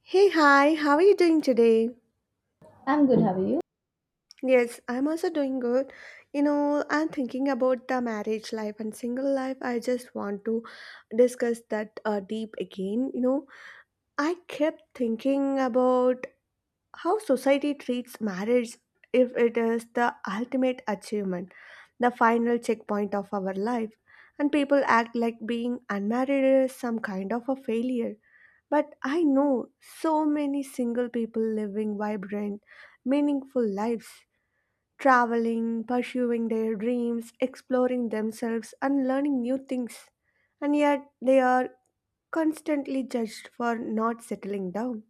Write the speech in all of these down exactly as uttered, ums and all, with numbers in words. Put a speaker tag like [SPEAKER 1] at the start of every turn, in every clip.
[SPEAKER 1] Hey, hi, how are you doing today?
[SPEAKER 2] I'm good, how are you?
[SPEAKER 1] Yes, I'm also doing good. You know, I'm thinking about the marriage life and single life. I just want to discuss that uh, deep again. You know, I kept thinking about how society treats marriage, if it is the ultimate achievement, the final checkpoint of our life. And people act like being unmarried is some kind of a failure. But I know so many single people living vibrant, meaningful lives, traveling, pursuing their dreams, exploring themselves, and learning new things. And yet they are constantly judged for not settling down.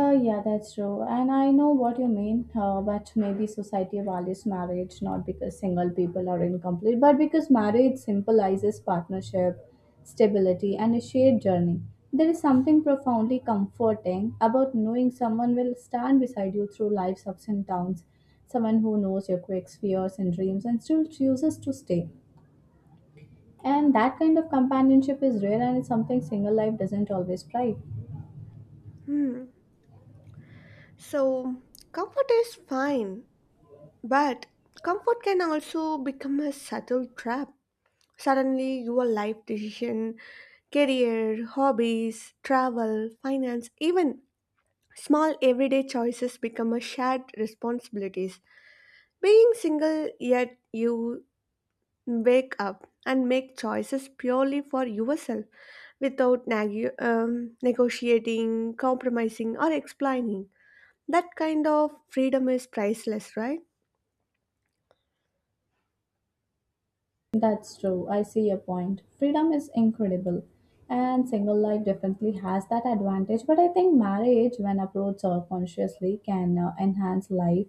[SPEAKER 2] Uh, yeah, that's true. And I know what you mean, uh, but maybe society values marriage not because single people are incomplete, but because marriage symbolizes partnership, stability, and a shared journey. There is something profoundly comforting about knowing someone will stand beside you through life's ups and downs, someone who knows your quirks, fears, and dreams, and still chooses to stay. And that kind of companionship is rare and it's something single life doesn't always provide.
[SPEAKER 1] Hmm. So, comfort is fine, but comfort can also become a subtle trap. Suddenly, your life decision, career, hobbies, travel, finance, even small everyday choices become a shared responsibilities. Being single, yet you wake up and make choices purely for yourself without nag- um, negotiating, compromising or explaining. That kind of freedom is priceless, right?
[SPEAKER 2] That's true. I see your point. Freedom is incredible, and single life definitely has that advantage. But I think marriage, when approached uh, consciously, can uh, enhance life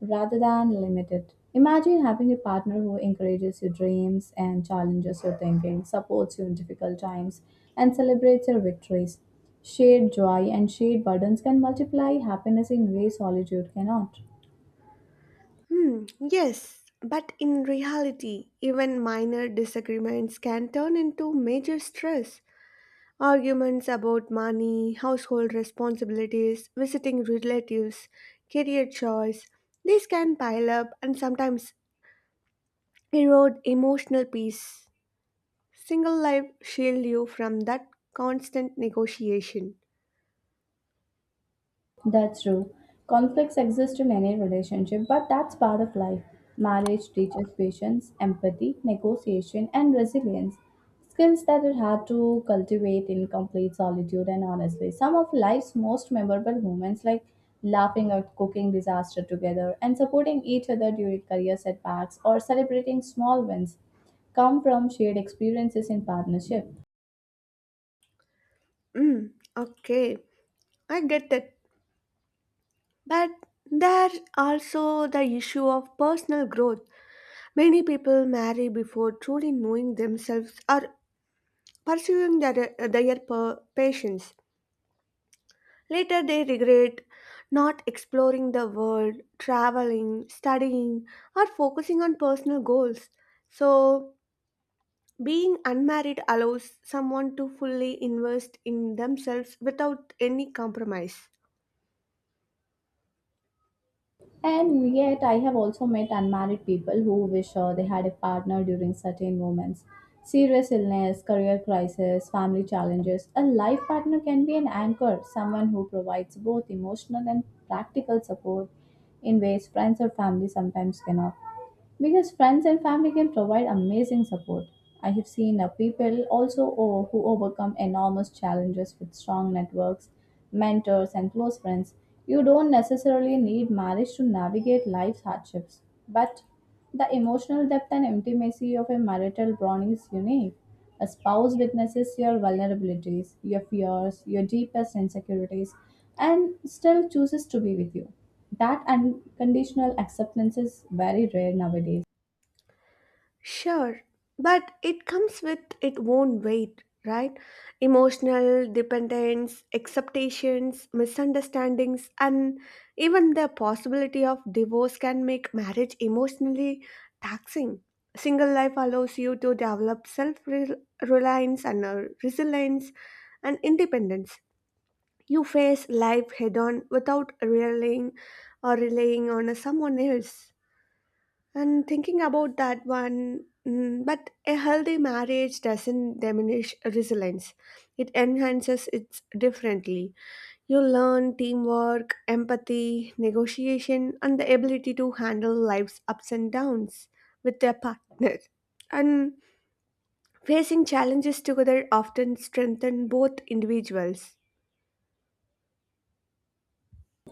[SPEAKER 2] rather than limit it. Imagine having a partner who encourages your dreams and challenges your thinking, supports you in difficult times, and celebrates your victories. Shared joy and shared burdens can multiply happiness in ways solitude cannot.
[SPEAKER 1] Hmm, yes, but in reality, even minor disagreements can turn into major stress. Arguments about money, household responsibilities, visiting relatives, career choice, these can pile up and sometimes erode emotional peace. Single life shield you from that constant negotiation.
[SPEAKER 2] That's true. Conflicts exist in any relationship, but that's part of life. Marriage teaches patience, empathy, negotiation, and resilience. Skills that are hard to cultivate in complete solitude and honestly. Some of life's most memorable moments, like laughing at cooking disaster together and supporting each other during career setbacks or celebrating small wins, come from shared experiences in partnership.
[SPEAKER 1] Mm, okay, I get that. But there's also the issue of personal growth. Many people marry before truly knowing themselves or pursuing their, their per- passions. Later, they regret not exploring the world, traveling, studying, or focusing on personal goals. So, being unmarried allows someone to fully invest in themselves without any compromise.
[SPEAKER 2] And yet, I have also met unmarried people who wish uh, they had a partner during certain moments. Serious illness, career crisis, family challenges. A life partner can be an anchor, someone who provides both emotional and practical support in ways friends or family sometimes cannot because friends and family can provide amazing support. I have seen uh, people also o- who overcome enormous challenges with strong networks, mentors, and close friends. You don't necessarily need marriage to navigate life's hardships, but the emotional depth and intimacy of a marital bond is unique. A spouse witnesses your vulnerabilities, your fears, your deepest insecurities, and still chooses to be with you. That unconditional acceptance is very rare nowadays.
[SPEAKER 1] Sure, but it comes with its own weight, right? Emotional dependence, acceptations, misunderstandings, and even the possibility of divorce can make marriage emotionally taxing. Single life allows you to develop self reliance and uh, resilience and independence. You face life head on without relying or relying on someone else. And thinking about that one, mm, but a healthy marriage doesn't diminish resilience. It enhances it differently. You learn teamwork, empathy, negotiation, and the ability to handle life's ups and downs with your partner. And facing challenges together often strengthen both individuals.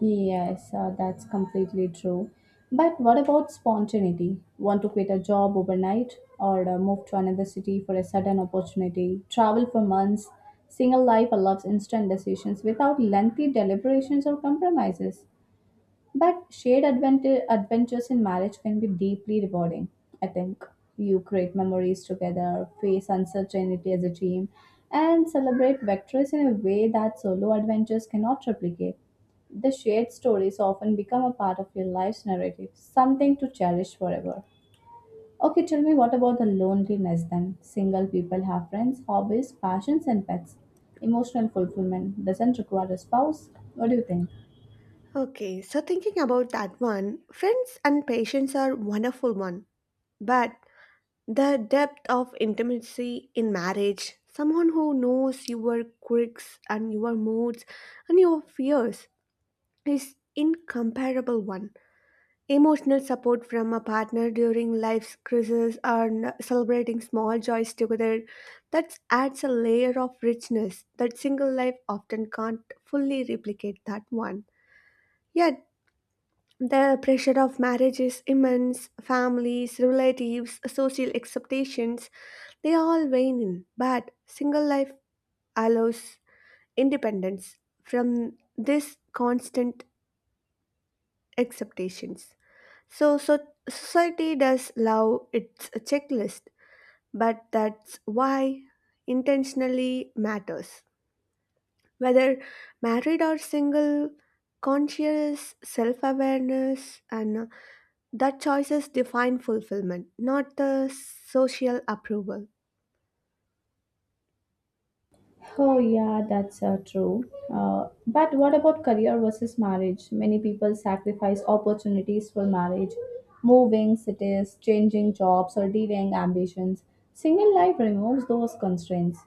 [SPEAKER 2] Yes, uh, that's completely true. But what about spontaneity? Want to quit a job overnight or uh, move to another city for a sudden opportunity? Travel for months? Single life allows instant decisions without lengthy deliberations or compromises. But shared advent- adventures in marriage can be deeply rewarding, I think. You create memories together, face uncertainty as a team, and celebrate victories in a way that solo adventures cannot replicate. The shared stories often become a part of your life's narrative, something to cherish forever. Okay, tell me what about the loneliness then? Single people have friends, hobbies, passions, and pets. Emotional fulfillment doesn't require a spouse. What do you think?
[SPEAKER 1] Okay, so thinking about that one, friends and patients are wonderful one. But the depth of intimacy in marriage, someone who knows your quirks and your moods and your fears, is incomparable one. Emotional support from a partner during life's crisis or celebrating small joys together, that adds a layer of richness that single life often can't fully replicate that one. Yet the pressure of marriage is immense. Families, relatives, social expectations, they all weigh in. But single life allows independence from this constant expectations. So, so society does love its checklist, but that's why intentionally matters. Whether married or single, conscious self awareness and that choices define fulfillment, not the social approval.
[SPEAKER 2] Oh, yeah, that's uh, true. Uh, but what about career versus marriage? Many people sacrifice opportunities for marriage, moving cities, changing jobs, or delaying ambitions. Single life removes those constraints.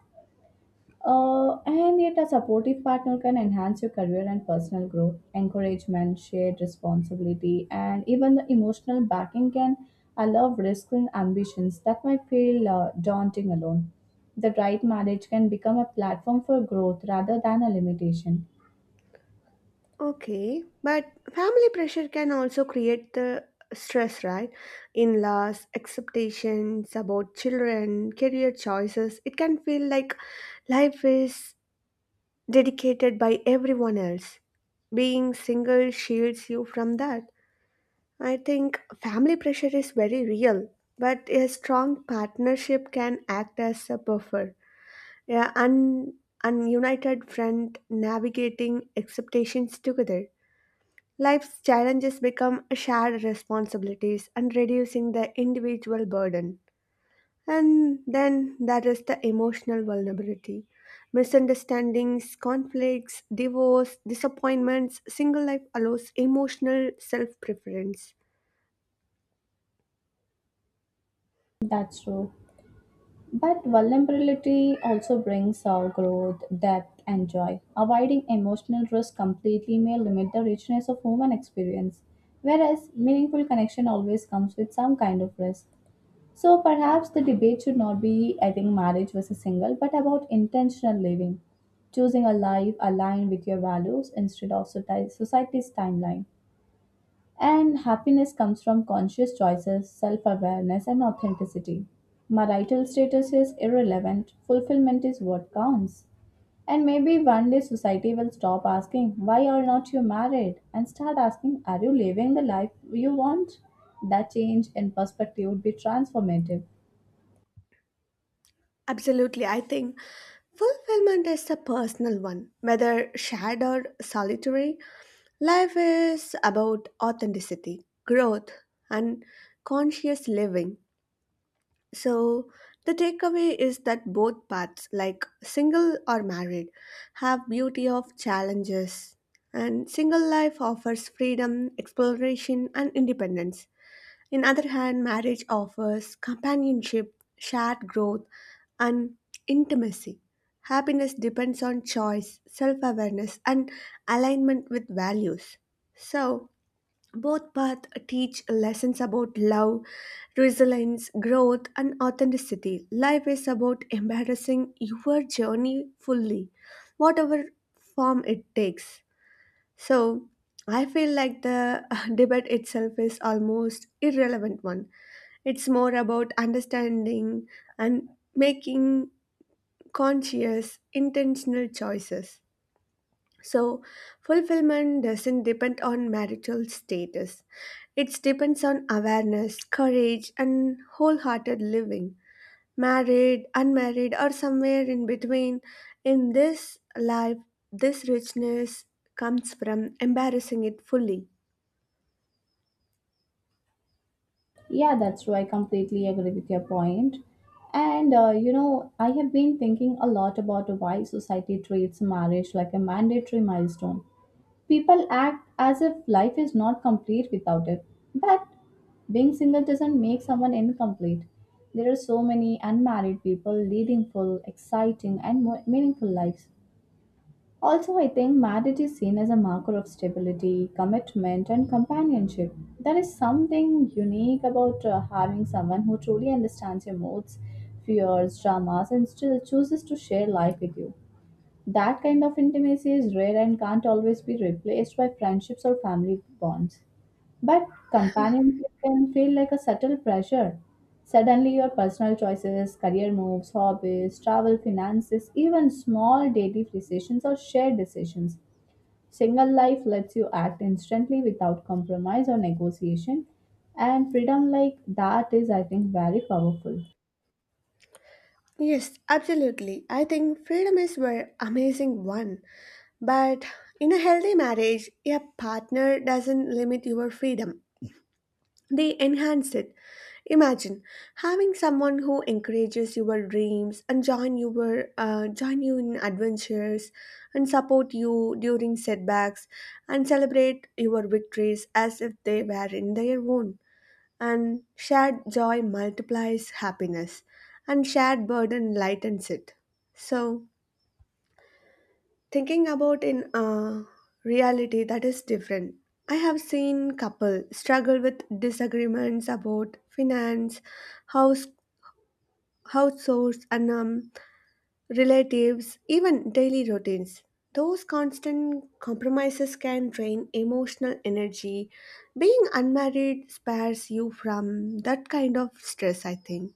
[SPEAKER 2] Uh, and yet, a supportive partner can enhance your career and personal growth. Encouragement, shared responsibility, and even the emotional backing can allow risks and ambitions that might feel uh, daunting alone. The right marriage can become a platform for growth rather than a limitation.
[SPEAKER 1] Okay, but family pressure can also create the stress, right? In laws, expectations about children, career choices. It can feel like life is dedicated by everyone else. Being single shields you from that. I think family pressure is very real, but a strong partnership can act as a buffer. Yeah, and and united front navigating expectations together. Life's challenges become shared responsibilities and reducing the individual burden. And then there is the emotional vulnerability. Misunderstandings, conflicts, divorce, disappointments, single life allows emotional self preference.
[SPEAKER 2] That's true. But vulnerability also brings our growth, depth, and joy. Avoiding emotional risk completely may limit the richness of human experience, whereas meaningful connection always comes with some kind of risk. So perhaps the debate should not be, I think, marriage versus single, but about intentional living, choosing a life aligned with your values instead of soci- society's timeline. And happiness comes from conscious choices, self awareness, and authenticity. Marital status is irrelevant, fulfillment is what counts. And maybe one day society will stop asking, "Why are not you married?" and start asking, "Are you living the life you want?" That change in perspective would be transformative.
[SPEAKER 1] Absolutely, I think fulfillment is a personal one, whether shared or solitary. Life is about authenticity, growth, and conscious living. So, the takeaway is that both paths, like single or married, have beauty of challenges. And single life offers freedom, exploration, and independence. In other hand, marriage offers companionship, shared growth, and intimacy. Happiness depends on choice, self awareness, and alignment with values. So, both paths teach lessons about love, resilience, growth, and authenticity. Life is about embracing your journey fully, whatever form it takes. So, I feel like the debate itself is almost irrelevant one. It's more about understanding and making conscious, intentional choices. So, fulfillment doesn't depend on marital status. It depends on awareness, courage, and wholehearted living. Married, unmarried, or somewhere in between, in this life, this richness comes from embarrassing it fully.
[SPEAKER 2] Yeah, that's true. I completely agree with your point. And uh, you know, I have been thinking a lot about why society treats marriage like a mandatory milestone. People act as if life is not complete without it. But being single doesn't make someone incomplete. There are so many unmarried people leading full, exciting, and more meaningful lives. Also, I think marriage is seen as a marker of stability, commitment, and companionship. There is something unique about uh, having someone who truly understands your moods, fears, dramas, and still chooses to share life with you. That kind of intimacy is rare and can't always be replaced by friendships or family bonds. But companionship can feel like a subtle pressure. Suddenly, your personal choices, career moves, hobbies, travel, finances, even small daily decisions or shared decisions. Single life lets you act instantly without compromise or negotiation, and freedom like that is, I think, very powerful.
[SPEAKER 1] Yes, absolutely. I think freedom is an amazing one. But in a healthy marriage, a partner doesn't limit your freedom, they enhance it. Imagine having someone who encourages your dreams and join your uh, join you in adventures and support you during setbacks and celebrate your victories as if they were in their own. And shared joy multiplies happiness and shared burden lightens it. So thinking about in uh, reality, that is different. I have seen couple struggle with disagreements about finance, house house chores, and um, relatives, even daily routines. Those constant compromises can drain emotional energy. Being unmarried spares you from that kind of stress, I think.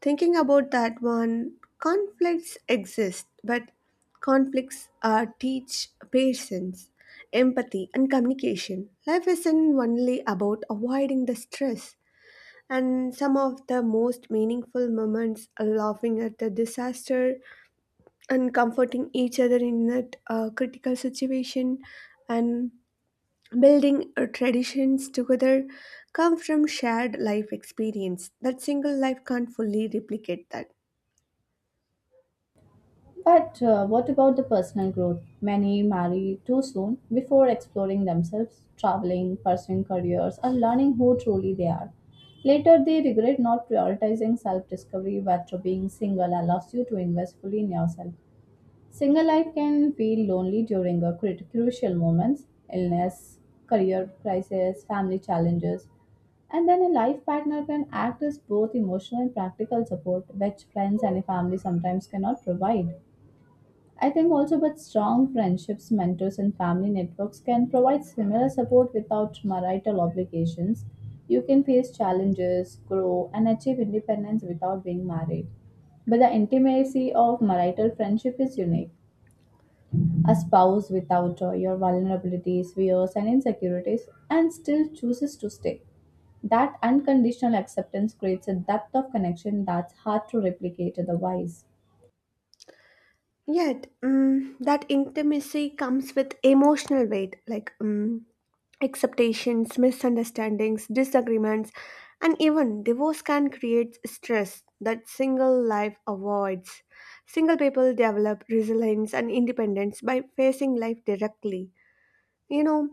[SPEAKER 1] Thinking about that one, conflicts exist, but conflicts uh, teach patience, empathy, and communication. Life isn't only about avoiding the stress, and some of the most meaningful moments are laughing at the disaster and comforting each other in that uh, critical situation and building uh, traditions together, come from shared life experience that single life can't fully replicate that.
[SPEAKER 2] But uh, what about the personal growth? Many marry too soon before exploring themselves, traveling, pursuing careers, or learning who truly they are. Later, they regret not prioritizing self discovery, but being single allows you to invest fully in yourself. Single life can feel lonely during a crit- crucial moments, illness, career crisis, family challenges. And then a life partner can act as both emotional and practical support, which friends and a family sometimes cannot provide. I think also but strong friendships, mentors and family networks can provide similar support without marital obligations. You can face challenges, grow and achieve independence without being married. But the intimacy of marital friendship is unique. A spouse without uh, your vulnerabilities, fears and insecurities and still chooses to stay. That unconditional acceptance creates a depth of connection that's hard to replicate otherwise.
[SPEAKER 1] Yet, mm, that intimacy comes with emotional weight, like, mm, expectations, misunderstandings, disagreements, and even divorce can create stress that single life avoids. Single people develop resilience and independence by facing life directly. You know,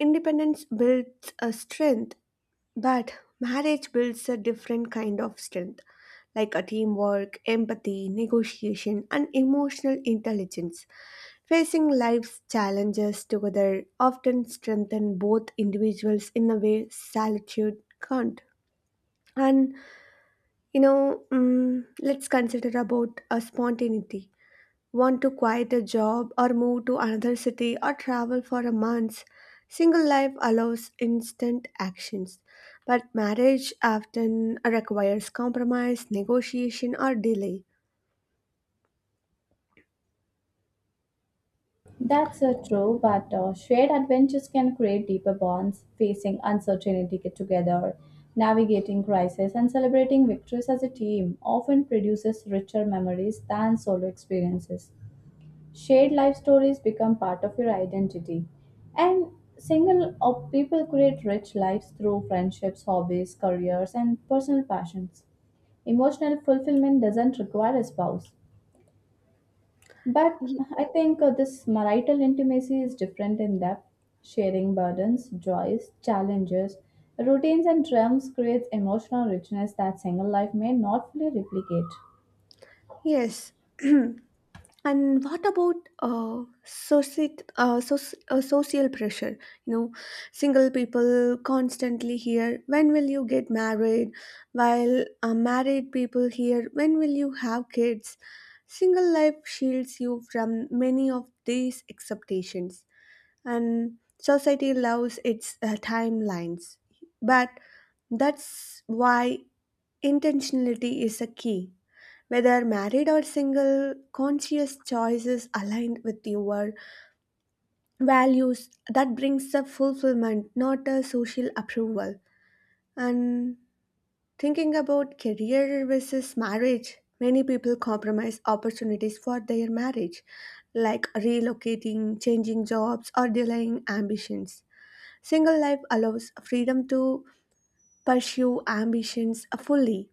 [SPEAKER 1] independence builds a strength, but marriage builds a different kind of strength, like a teamwork, empathy, negotiation, and emotional intelligence. Facing life's challenges together often strengthen both individuals in a way solitude can't. And you know, mm, let's consider about a spontaneity. Want to quit a job or move to another city or travel for a month? Single life allows instant actions, but marriage often requires compromise, negotiation, or delay.
[SPEAKER 2] That's uh, true, but uh, shared adventures can create deeper bonds, facing uncertainty together, navigating crisis, and celebrating victories as a team often produces richer memories than solo experiences. Shared life stories become part of your identity, and single uh, people create rich lives through friendships, hobbies, careers, and personal passions. Emotional fulfillment doesn't require a spouse. But
[SPEAKER 1] Y-
[SPEAKER 2] I think uh, this marital intimacy is different in depth. Sharing burdens, joys, challenges, routines, and dreams creates emotional richness that single life may not fully replicate.
[SPEAKER 1] yes, and what about uh, societ- uh, soc- uh, social pressure? You know, single people constantly hear, when will you get married, while uh, married people hear, when will you have kids. Single life shields you from many of these expectations. And society loves its uh, timelines, but that's why intentionality is a key. Whether married or single, conscious choices aligned with your values, that brings the fulfillment, not a social approval. And thinking about career versus marriage, many people compromise opportunities for their marriage, like relocating, changing jobs, or delaying ambitions. Single life allows freedom to pursue ambitions fully.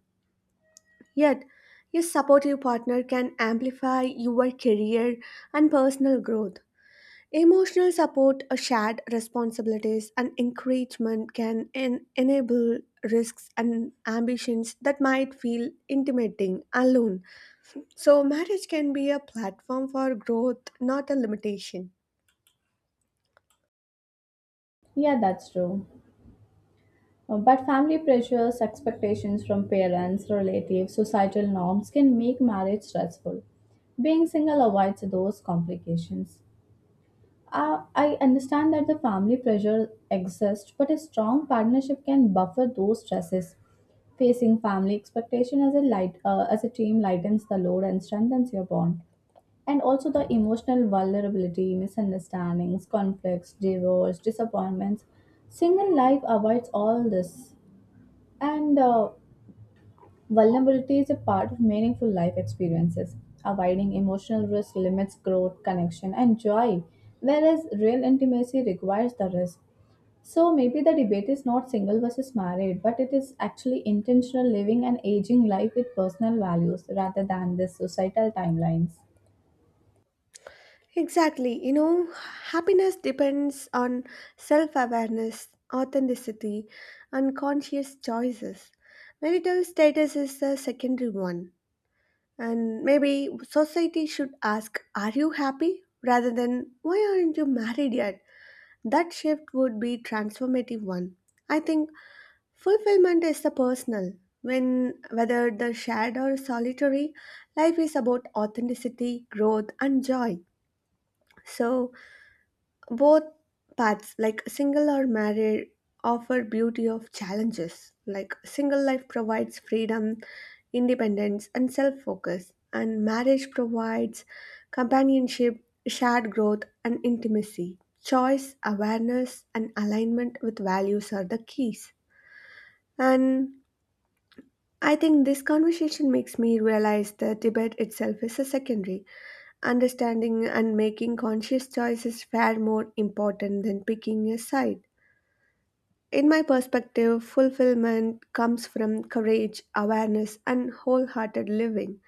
[SPEAKER 1] Yet, your supportive partner can amplify your career and personal growth. Emotional support, uh, shared responsibilities, and encouragement can en- enable risks and ambitions that might feel intimidating alone. So, marriage can be a platform for growth, not a limitation.
[SPEAKER 2] Yeah, that's true. Uh, But family pressures, expectations from parents, relatives, societal norms can make marriage stressful. Being single avoids those complications. Uh, I understand that the family pressure exists, but a strong partnership can buffer those stresses. Facing family expectation as a light uh, as a team lightens the load and strengthens your bond. And also the emotional vulnerability, misunderstandings, conflicts, divorce, disappointments. Single life avoids all this. And uh, vulnerability is a part of meaningful life experiences. Avoiding emotional risk limits growth, connection, and joy, whereas real intimacy requires the risk. So maybe the debate is not single versus married, but it is actually intentional living and aging life with personal values rather than the societal timelines.
[SPEAKER 1] Exactly. You know, happiness depends on self awareness, authenticity, and conscious choices. Marital status is the secondary one. And maybe society should ask, are you happy, rather than, why aren't you married yet? That shift would be transformative one. I think fulfillment is the personal. When whether the shared or solitary, life is about authenticity, growth, and joy. So, both paths, like single or married, offer beauty of challenges. Like single life provides freedom, independence, and self focus, and marriage provides companionship, shared growth, and intimacy. Choice, awareness, and alignment with values are the keys. And I think this conversation makes me realize that debate itself is a secondary. Understanding and making conscious choices far more important than picking a side. In my perspective, fulfillment comes from courage, awareness, and wholehearted living.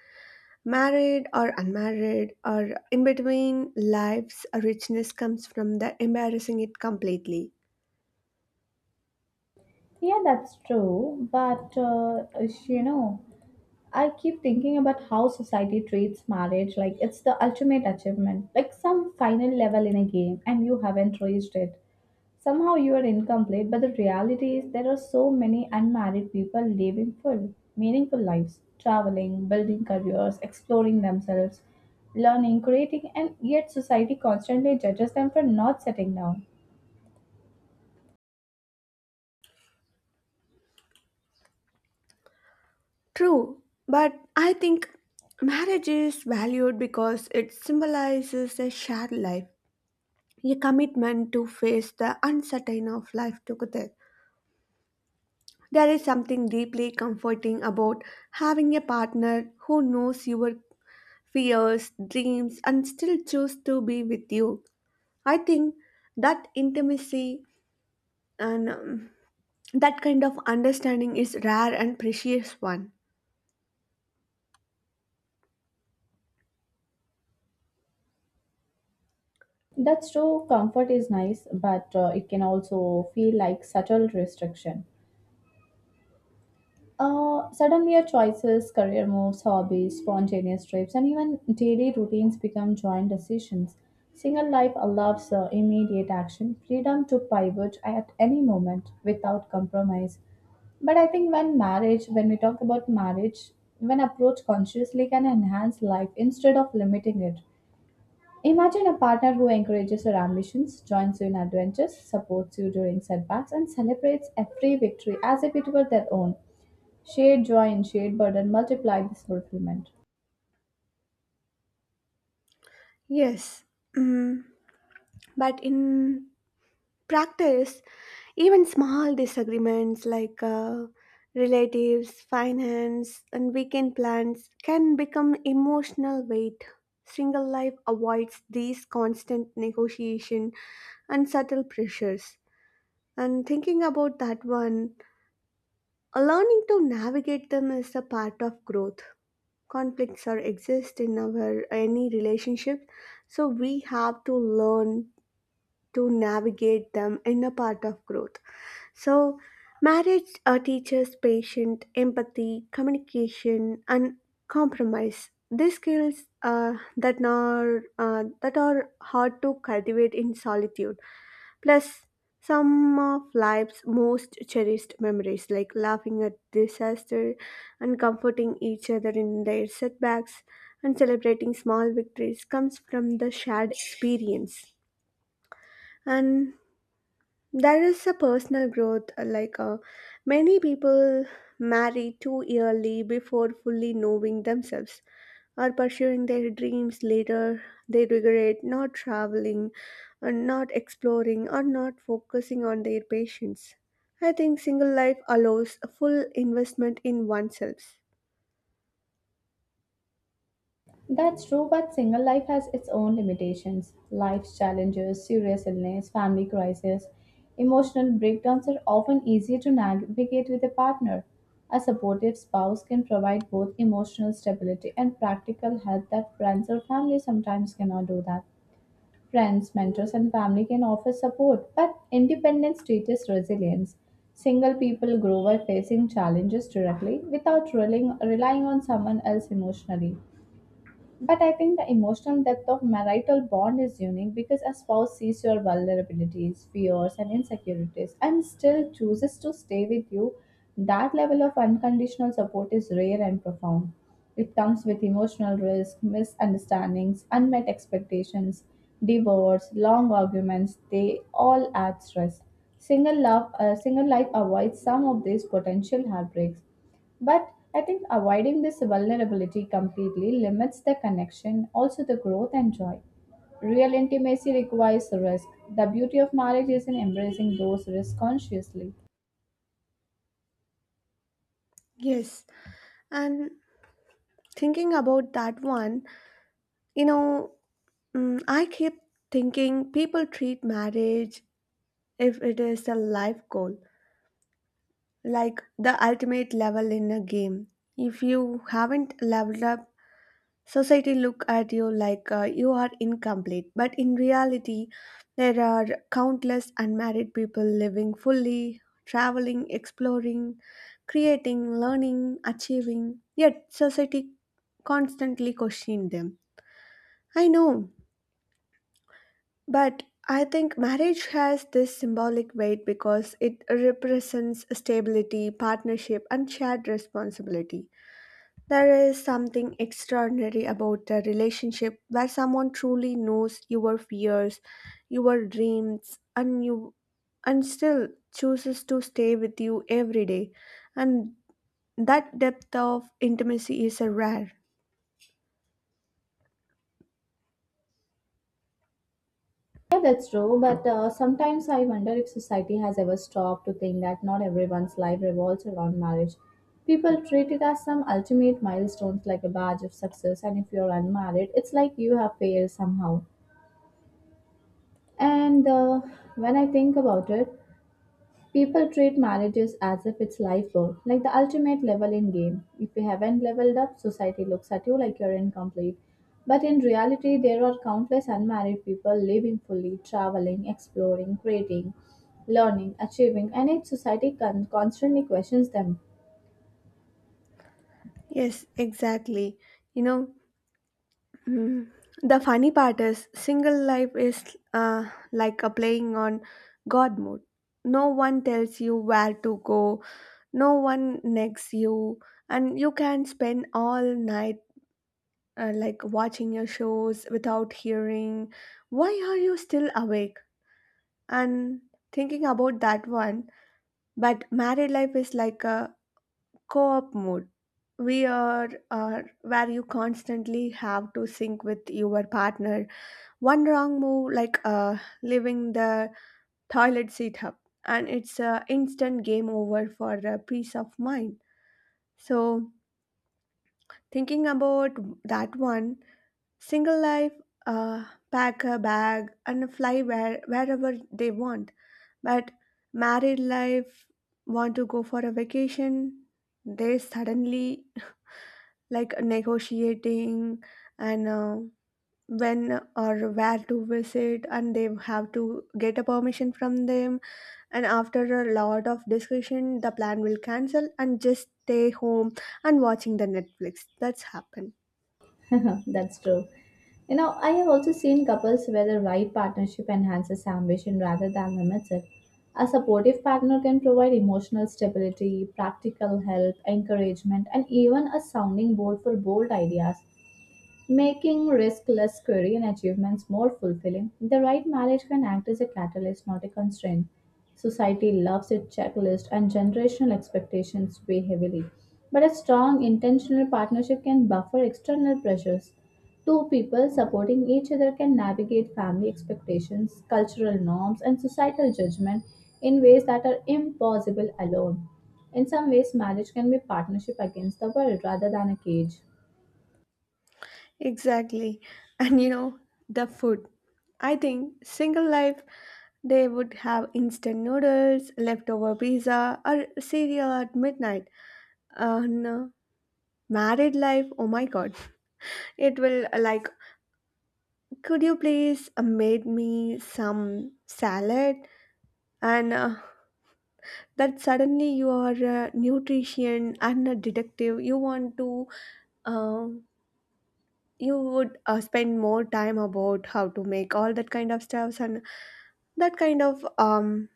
[SPEAKER 1] Married or unmarried or in between, life's richness comes from the embarrassing it completely.
[SPEAKER 2] Yeah, that's true. But, uh, you know, I keep thinking about how society treats marriage like it's the ultimate achievement, like some final level in a game, and you haven't reached it. Somehow you are incomplete, but the reality is there are so many unmarried people living full, meaningful lives, traveling, building careers, exploring themselves, learning, creating, and yet society constantly judges them for not settling down.
[SPEAKER 1] True, but I think marriage is valued because it symbolizes a shared life, a commitment to face the uncertain of life together. There is something deeply comforting about having a partner who knows your fears, dreams, and still choose to be with you. I think that intimacy and um, that kind of understanding is rare and precious one.
[SPEAKER 2] That's true, comfort is nice, but uh, it can also feel like subtle restriction. Uh, suddenly, your choices, career moves, hobbies, spontaneous trips, and even daily routines become joint decisions. Single life allows uh, immediate action, freedom to pivot at any moment without compromise. But I think when marriage, when we talk about marriage, when approached consciously can enhance life instead of limiting it. Imagine a partner who encourages your ambitions, joins you in adventures, supports you during setbacks, and celebrates every victory as if it were their own. Shared joy and shared burden multiply this fulfillment.
[SPEAKER 1] Yes, mm, but in practice, even small disagreements like uh, relatives, finance, and weekend plans can become emotional weight. Single life avoids these constant negotiation and subtle pressures. And thinking about that one, uh, learning to navigate them is a part of growth. Conflicts are exist in our any relationship, so we have to learn to navigate them in a part of growth. So, marriage uh, teaches patience, empathy, communication, and compromise. These skills uh, that are uh, that are hard to cultivate in solitude. Plus, some of life's most cherished memories, like laughing at disaster and comforting each other in their setbacks and celebrating small victories, comes from the shared experience. And there is a personal growth, uh, like uh, many people marry too early before fully knowing themselves or pursuing their dreams later. They regret not traveling, or not exploring, or not focusing on their patients. I think single life allows a full investment in oneself.
[SPEAKER 2] That's true, but single life has its own limitations. Life's challenges, serious illness, family crisis, emotional breakdowns are often easier to navigate with a partner. A supportive spouse can provide both emotional stability and practical help that friends or family sometimes cannot do that. Friends, mentors, and family can offer support, but independence teaches resilience. Single people grow by facing challenges directly without relying, relying on someone else emotionally. But I think the emotional depth of marital bond is unique because a spouse sees your vulnerabilities, fears, and insecurities and still chooses to stay with you. That level of unconditional support is rare and profound. It comes with emotional risk, misunderstandings, unmet expectations, divorce, long arguments, they all add stress. Single love, uh, single life avoids some of these potential heartbreaks but I think avoiding this vulnerability completely limits the connection, also the growth and joy. Real intimacy requires risk. The beauty of marriage is in embracing those risks consciously.
[SPEAKER 1] Yes, and thinking about that one, you know, mm, I keep thinking people treat marriage if it is a life goal, like the ultimate level in a game. If you haven't leveled up, society look at you like uh, you are incomplete. But in reality, there are countless unmarried people living fully, traveling, exploring, creating, learning, achieving. Yet society constantly question them. I know. But I think marriage has this symbolic weight because it represents stability, partnership, and shared responsibility. There is something extraordinary about a relationship where someone truly knows your fears, your dreams, and you and still chooses to stay with you every day. And that depth of intimacy is a rare.
[SPEAKER 2] Yeah, that's true. But uh, sometimes I wonder if society has ever stopped to think that not everyone's life revolves around marriage. People treat it as some ultimate milestones like a badge of success, and if you're unmarried, it's like you have failed somehow. And uh, when I think about it, people treat marriages as if it's life goal, like the ultimate leveling game. If you haven't leveled up, society looks at you like you're incomplete. But in reality, there are countless unmarried people living fully, traveling, exploring, creating, learning, achieving, and yet society con- constantly questions them.
[SPEAKER 1] Yes, exactly. You know, mm. The funny part is, single life is uh, like a playing on God mode. No one tells you where to go, no one negs you, and you can spend all night uh, like watching your shows without hearing, why are you still awake? And thinking about that one, but married life is like a co op mode. We are, are where you constantly have to sync with your partner. One wrong move, like uh, leaving the toilet seat up, and it's an instant game over for uh, peace of mind. So, thinking about that one, single life, uh, pack a bag and fly where, wherever they want. But married life, want to go for a vacation, they suddenly like negotiating and uh, when or where to visit, and they have to get a permission from them, and after a lot of discussion the plan will cancel and just stay home and watching the netflix, that's happened.
[SPEAKER 2] That's true. You know, I have also seen couples where the right partnership enhances ambition rather than limits it. A supportive partner can provide emotional stability, practical help, encouragement, and even a sounding board for bold ideas. Making risk-less career achievements more fulfilling, the right marriage can act as a catalyst, not a constraint. Society loves its checklist, and generational expectations weigh heavily. But a strong, intentional partnership can buffer external pressures. Two people supporting each other can navigate family expectations, cultural norms, and societal judgment in ways that are impossible alone. In some ways, marriage can be partnership against the world rather than a cage.
[SPEAKER 1] Exactly. And you know, the food, I think single life, they would have instant noodles, leftover pizza or cereal at midnight. Uh, no. Married life, oh my god, it will uh, like, could you please uh, made me some salad? And uh, that suddenly you are a nutrition and a detective. You want to, uh, you would uh, spend more time about how to make all that kind of stuffs, and that kind of um,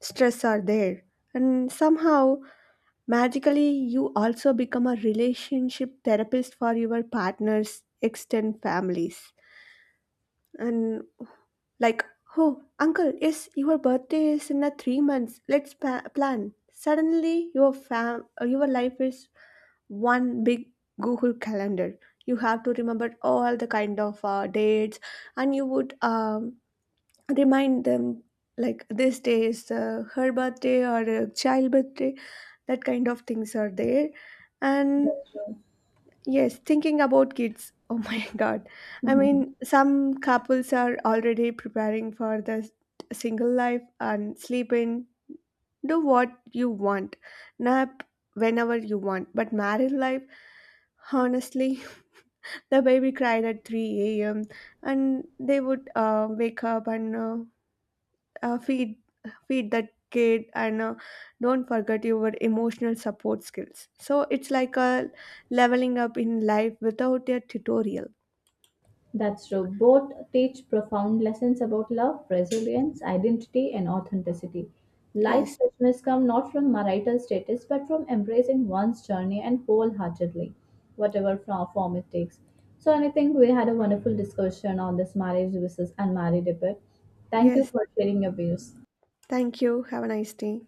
[SPEAKER 1] stress are there. And somehow, magically, you also become a relationship therapist for your partner's extended families. And like, oh, uncle, yes, your birthday is in a three months. Let's pa- plan. Suddenly, your fam, uh, your life is one big Google calendar. You have to remember all the kind of uh, dates, and you would um, remind them, like, this day is uh, her birthday or a child birthday. That kind of things are there, and
[SPEAKER 2] That's true.
[SPEAKER 1] yes, thinking about kids. Oh my God. I mean, some couples are already preparing for the s- single life and sleep in, do what you want, nap whenever you want. But married life, honestly, the baby cried at three a m and they would uh, wake up and uh, uh, feed feed that kid and uh, don't forget your emotional support skills. So it's like a leveling up in life without a tutorial.
[SPEAKER 2] That's true. Both teach profound lessons about love, resilience, identity, and authenticity.
[SPEAKER 1] yes
[SPEAKER 2] Life's richness comes not from marital status but from embracing one's journey and wholeheartedly, whatever fro- form it takes. So, and I think we had a wonderful discussion on this marriage versus unmarried debate. Thank you
[SPEAKER 1] yes,
[SPEAKER 2] for sharing your views.
[SPEAKER 1] thank you. Have a nice day.